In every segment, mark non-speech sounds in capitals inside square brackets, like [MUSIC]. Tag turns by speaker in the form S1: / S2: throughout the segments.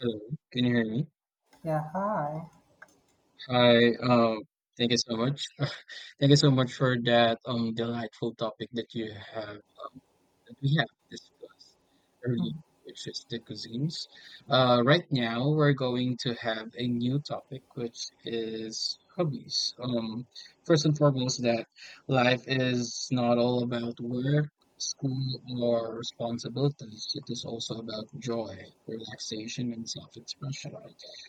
S1: Hello, can you hear me?
S2: Yeah, hi.
S1: Hi, thank you so much. [LAUGHS] Thank you so much for that delightful topic that you have that we have discussed earlier,
S2: Mm-hmm.
S1: which is the cuisines. Right now we're going to have a new topic, which is hobbies. First and foremost, that life is not all about work, school, or responsibilities. It is also about joy, relaxation, and self-expression.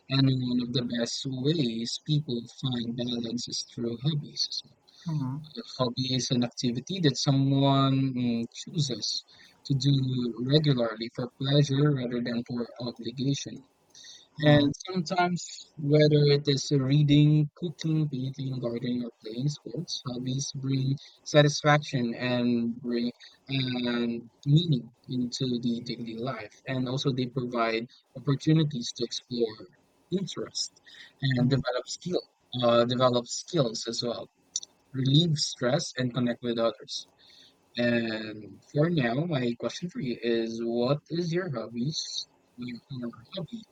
S1: And one of the best ways people find balance is through hobbies.
S2: Mm-hmm.
S1: A hobby is an activity that someone chooses to do regularly for pleasure rather than for obligation. And sometimes, whether it is reading, cooking, painting, gardening, or playing sports, hobbies bring satisfaction and bring meaning into the daily life. And also, they provide opportunities to explore interest and develop skill, develop skills as well, relieve stress, and connect with others. And for now, my question for you is what is your hobbies your hobby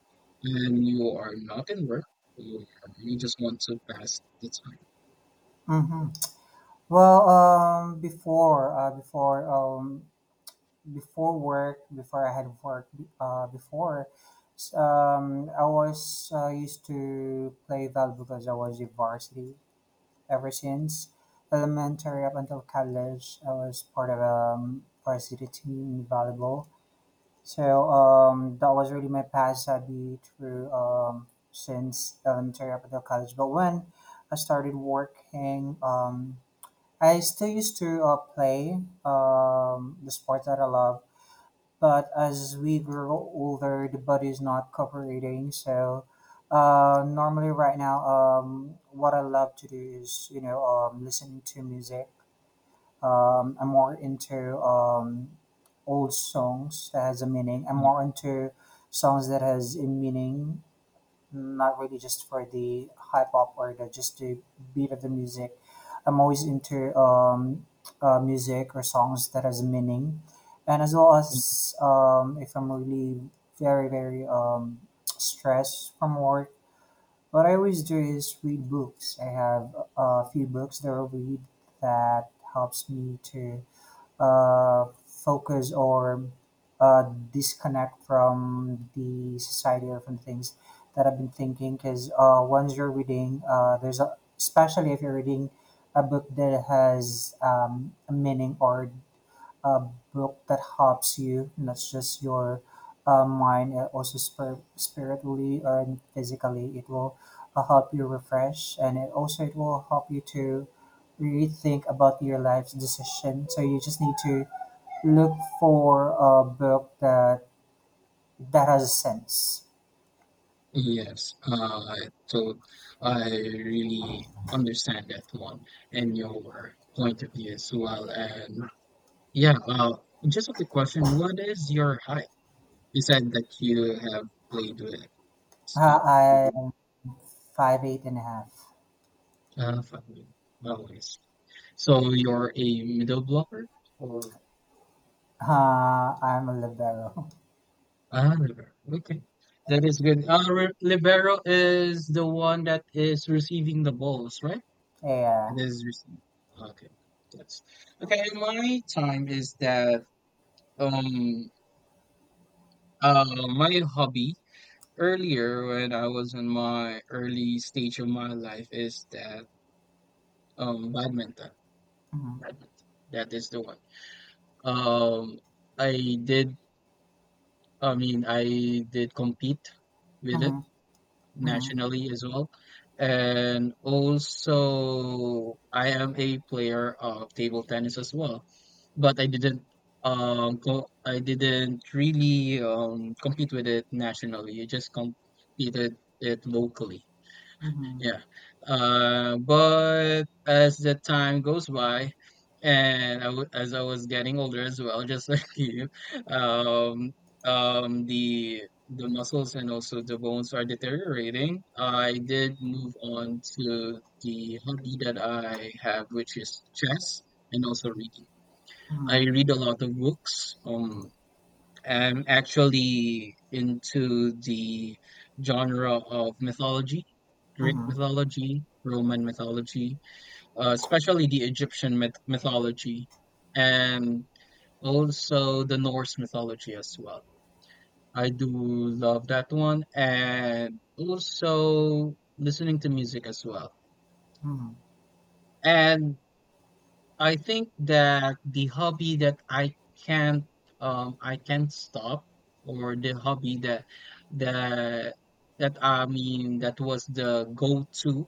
S1: when you are not in work or you just want to pass the time?
S2: Mm-hmm. Well, um, before, uh, before, um, Before work, before I had work, uh, before, I was used to play that because I was in varsity ever since elementary up until college. I was part of varsity team in volleyball. That was really my past hobby through since elementary up until college. But when I started working, I still used to play the sport that I love. But as we grow older, the body is not cooperating. Normally, right now, what I love to do is listening to music. I'm more into old songs that has a meaning. I'm more into songs that has a meaning, not really just for the hype up or the just the beat of the music. I'm always into music or songs that has a meaning, and as well
S1: Mm,
S2: as, if I'm really very stressed from work. What I always do is read books. I have a few books that I read that helps me to focus or uh, disconnect from the society or from things that I've been thinking. Because once you're reading, there's a, especially if you're reading a book that has a meaning or a book that helps you, not just your mind, also spiritually or physically, it will help you refresh and it will help you to rethink about your life's decision. So you just need to look for a book that has sense.
S1: Yes, so I really understand that one and your point of view as well. And yeah, just a quick question. What is your height? You said that you have played with
S2: Uh,
S1: uh,
S2: I'm 5'8" and a half.
S1: five always. So you're a middle blocker or
S2: I'm a libero. [LAUGHS]
S1: ah libero. Okay. That is good. Libero is the one that is receiving the balls, right? It
S2: Yeah.
S1: is receiving. Okay. Yes. Okay, and my time is that um my hobby earlier when I was in my early stage of my life is that badminton.
S2: Mhm.
S1: Badminton. That is the one. Um I did I did compete with it
S2: Mhm. Mhm.
S1: nationally as well. And also, I am a player of table tennis as well, but I didn't I didn't really compete with it nationally. I just competed it locally.
S2: Mhm.
S1: Yeah. But as the time goes by, and I w as I was getting older as well, just [LAUGHS] like you, um, the muscles and also the bones are deteriorating. I did move on to the hobby that I have, which is chess and also reading. I
S2: Mhm.
S1: read a lot of books. I'm actually into the genre of mythology, Greek
S2: Mhm.
S1: mythology, Roman mythology, especially the Egyptian mythology, and also the Norse mythology as well. I do love that one, and also listening to music as well.
S2: Mhm.
S1: And I think that the hobby that can't I can't stop or the hobby that that, that was the go-to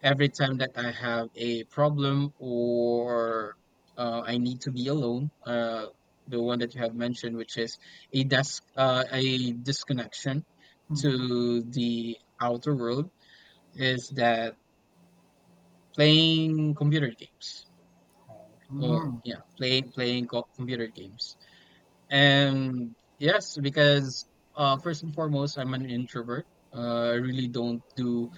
S1: every time that I have a problem or I need to be alone, the one that you have mentioned, which is a disconnection
S2: Mhm.
S1: to the outer world, is that playing computer games or
S2: Mm,
S1: yeah, computer games. And yes, because first and foremost, I'm an introvert. I really don't do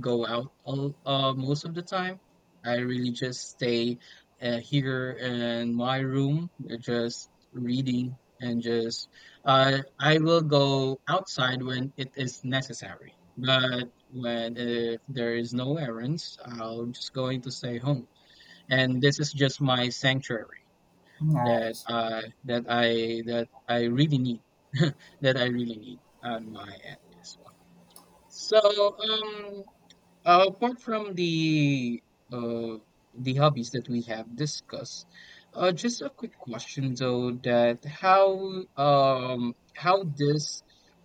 S1: go out all, most of the time. I really just stay here in my room, just reading and just. I will go outside when it is necessary, but when if there is no errands, I'll just going to stay home and this is just my sanctuary that
S2: nice.
S1: I that I that I really need [LAUGHS] that I really need on my end as well. So um Apart from uh the hobbies that we have discussed, just a quick question though that how these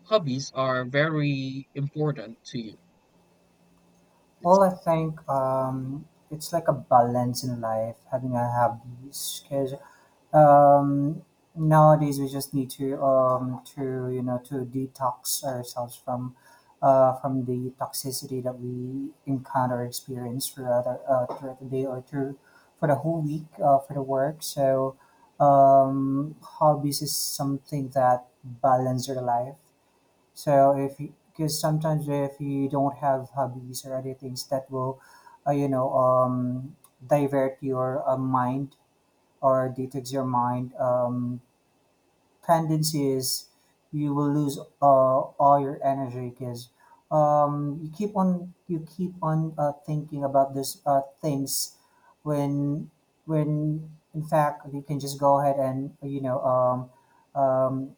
S1: hobbies are very important to you.
S2: Well, I think it's like a balance in life, having a hobbies, because um, nowadays we just need to you know to detox ourselves from the toxicity that we encounter experience throughout throughout the day or through for the whole week for the work. Hobbies is something that balance your life. So if, because sometimes if you don't have hobbies or other things that will uh, you know um, divert your mind or detox your mind. Tendency is you will lose all your energy because you keep on you keep on thinking about these things when when in fact you can just go ahead and um,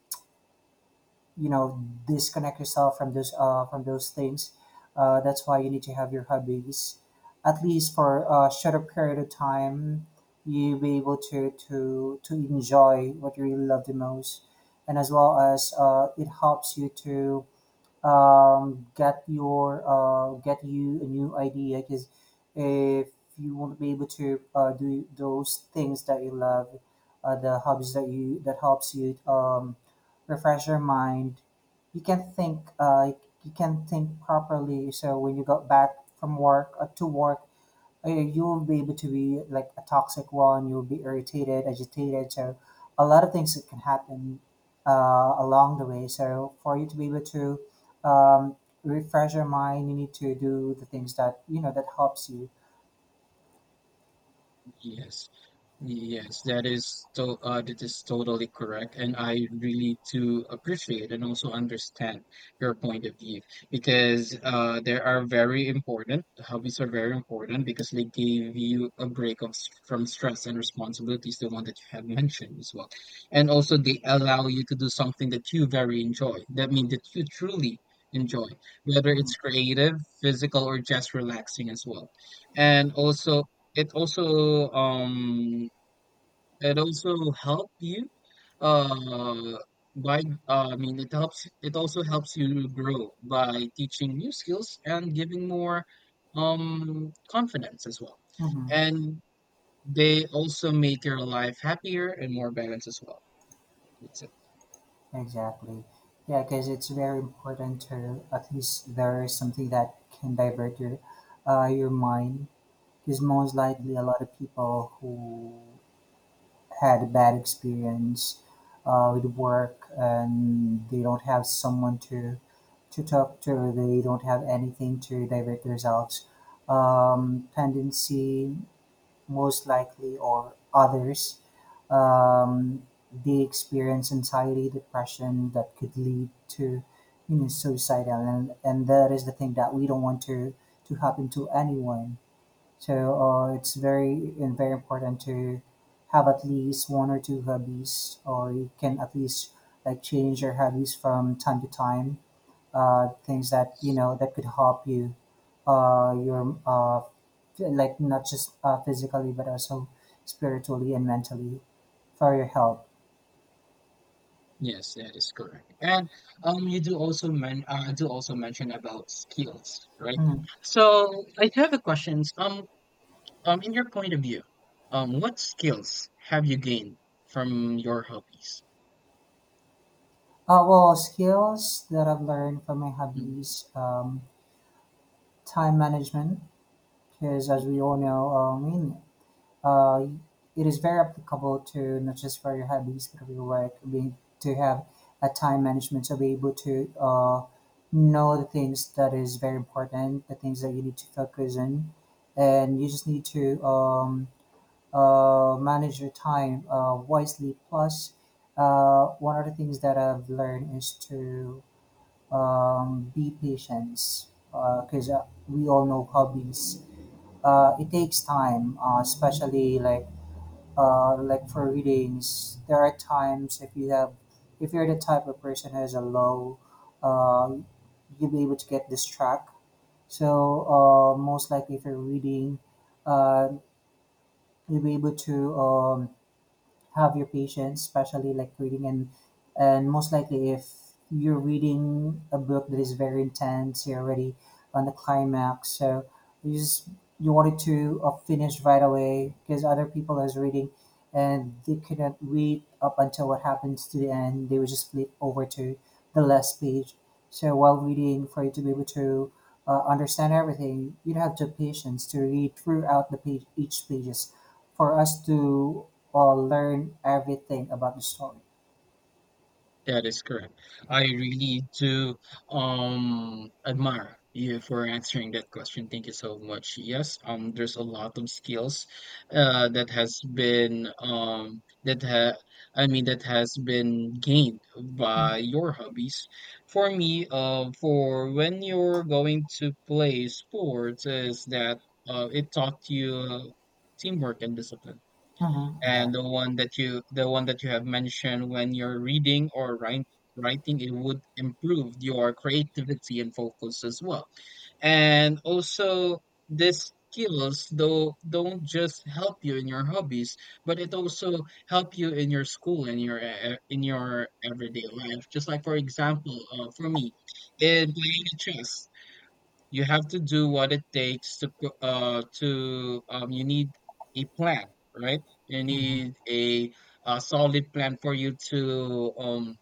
S2: you know disconnect yourself from those, from those things. That's why you need to have your hobbies at least for a shorter period of time. You'll be able to enjoy what you really love the most, and as well as, it helps you to get your get you a new idea. Because if you won't be able to do those things that you love, the hobbies that you that helps you refresh your mind, you can think uh, you can think properly so when you got back from work to work, you'll be able to be like a toxic one, you'll be irritated, agitated. So a lot of things that can happen along the way. So for you to be able to um, refresh your mind, you need to do the things that you know that helps you.
S1: Yes. Yes, that is totally correct, and I really do appreciate and also understand your point of view because there are very important hobbies are very important because they give you a break from stress and responsibilities, the one that you have mentioned as well, and also they allow you to do something that you very enjoy. That means that you truly enjoy, whether
S2: Hmm.
S1: it's creative, physical, or just relaxing as well, and also it also um it also help you uh by, it helps it also helps you grow by teaching new skills and giving more confidence as well.
S2: Hmm.
S1: And they also make your life happier and more balanced as well. That's it.
S2: Exactly, yeah, because it's very important to at least there is something that can divert your mind. Because most likely a lot of people who had a bad experience with work and they don't have someone to talk to, they don't have anything to divert themselves. Tendency most likely or others, um, they experience anxiety, depression that could lead to you know suicidal, and that is the thing that we don't want to happen to anyone. So it's very and very important to have at least one or two hobbies, or you can at least like change your hobbies from time to time. Things that you know that could help you, uh, your uh, f- like not just physically but also spiritually and mentally for your health.
S1: Yes, that is correct. And you do also men do also mention about skills, right?
S2: Mm.
S1: So I have a questions. In your point of view, what skills have you gained from your hobbies?
S2: Well, skills that I've learned from my
S1: Mm,
S2: hobbies, time management, because as we all know, I mean, uh, it is very applicable to not just for your hobbies but for your work. We to have a time management so be able to know the things that is very important, the things that you need to focus on, and you just need to manage your time wisely. Plus, one of the things that I've learned is to be patient because we all know hobbies. It takes time, especially like for readings, there are times if you have, if you're the type of person who has a low, uh, you'll be able to get this track. So most likely if you're reading, uh, you'll be able to have your patience, especially like reading and most likely if you're reading a book that is very intense, you're already on the climax, so you just you wanted to finish right away because other people is reading and they couldn't read up until what happens to the end. They would just flip over to the last page. So while reading, for you to be able to understand everything, you'd have the patience to read throughout the page, each pages for us to or learn everything about the story.
S1: That is correct. I really do admire you for answering that question. Thank you so much. Yes, there's a lot of skills that has been that ha I mean that has been gained by your hobbies. For me, for when you're going to play sports is that it taught you teamwork and discipline,
S2: Mm-hmm.
S1: and
S2: Yeah.
S1: the one that you have mentioned when you're reading or writing, it would improve your creativity and focus as well, and also these skills though don't just help you in your hobbies but it also help you in your school and your in your everyday life, just like for example, for me in playing the chess, you have to do what it takes to you need a plan, right? You
S2: Mm-hmm.
S1: need a solid plan for you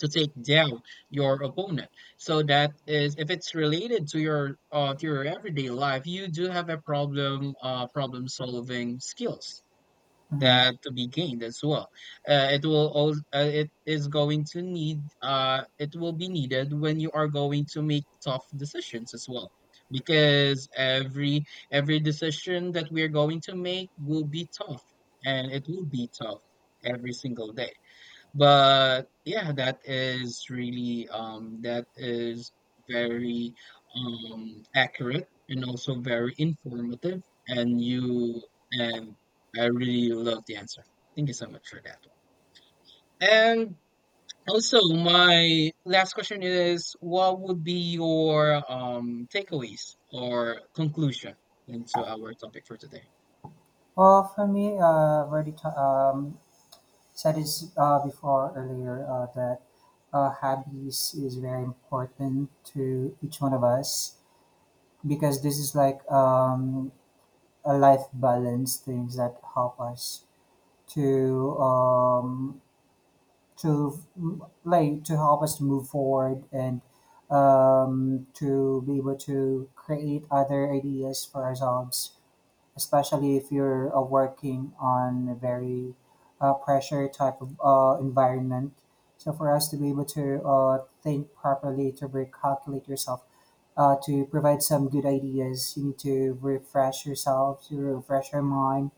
S1: to take down your opponent. So that is if it's related to your everyday life, you do have a problem solving skills
S2: Mm-hmm.
S1: that to be gained as well. It will all It is going to need it will be needed when you are going to make tough decisions as well, because every decision that we are going to make will be tough and it will be tough every single day. But yeah, that is really that is very accurate and also very informative, and you and I really love the answer. Thank you so much for that one. And also my last question is what would be your takeaways or conclusion into our topic for today?
S2: Well, for me, already ta- um, said this before earlier that hobbies is very important to each one of us because this is like a life balance things that help us to to like to help us to move forward and to be able to create other ideas for ourselves, especially if you're working on a very pressure type of environment. So for us to be able to think properly, to recalculate yourself, to provide some good ideas, you need to refresh yourself, to refresh your mind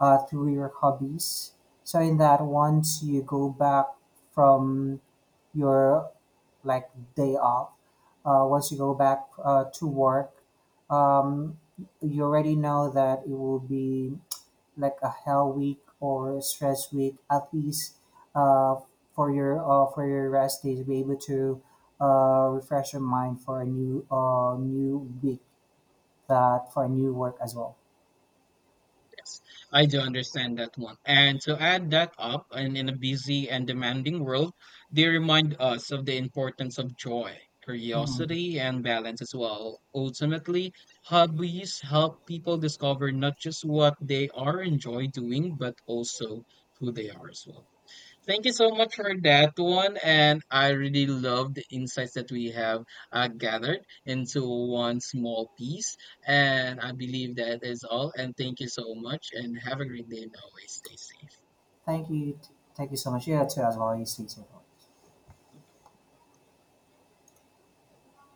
S2: through your hobbies. So in that, once you go back from your like day off, once you go back to work, um, you already know that it will be like a hell week or a stress week at least, uh, for your rest days be able to refresh your mind for a new week that for a new work as well.
S1: Yes, I do understand that one. And to add that up, and in a busy and demanding world, they remind us of the importance of joy,
S2: Hmm.
S1: curiosity, and balance as well. Ultimately, hobbies help people discover not just what they are enjoy doing, but also who they are as well. Thank you so much for that one. And I really love the insights that we have gathered into one small piece. And I believe that is all. And thank you so much. And have a great day and always stay safe.
S2: Thank you, thank you so much. Yeah, too, as well, you stay safe.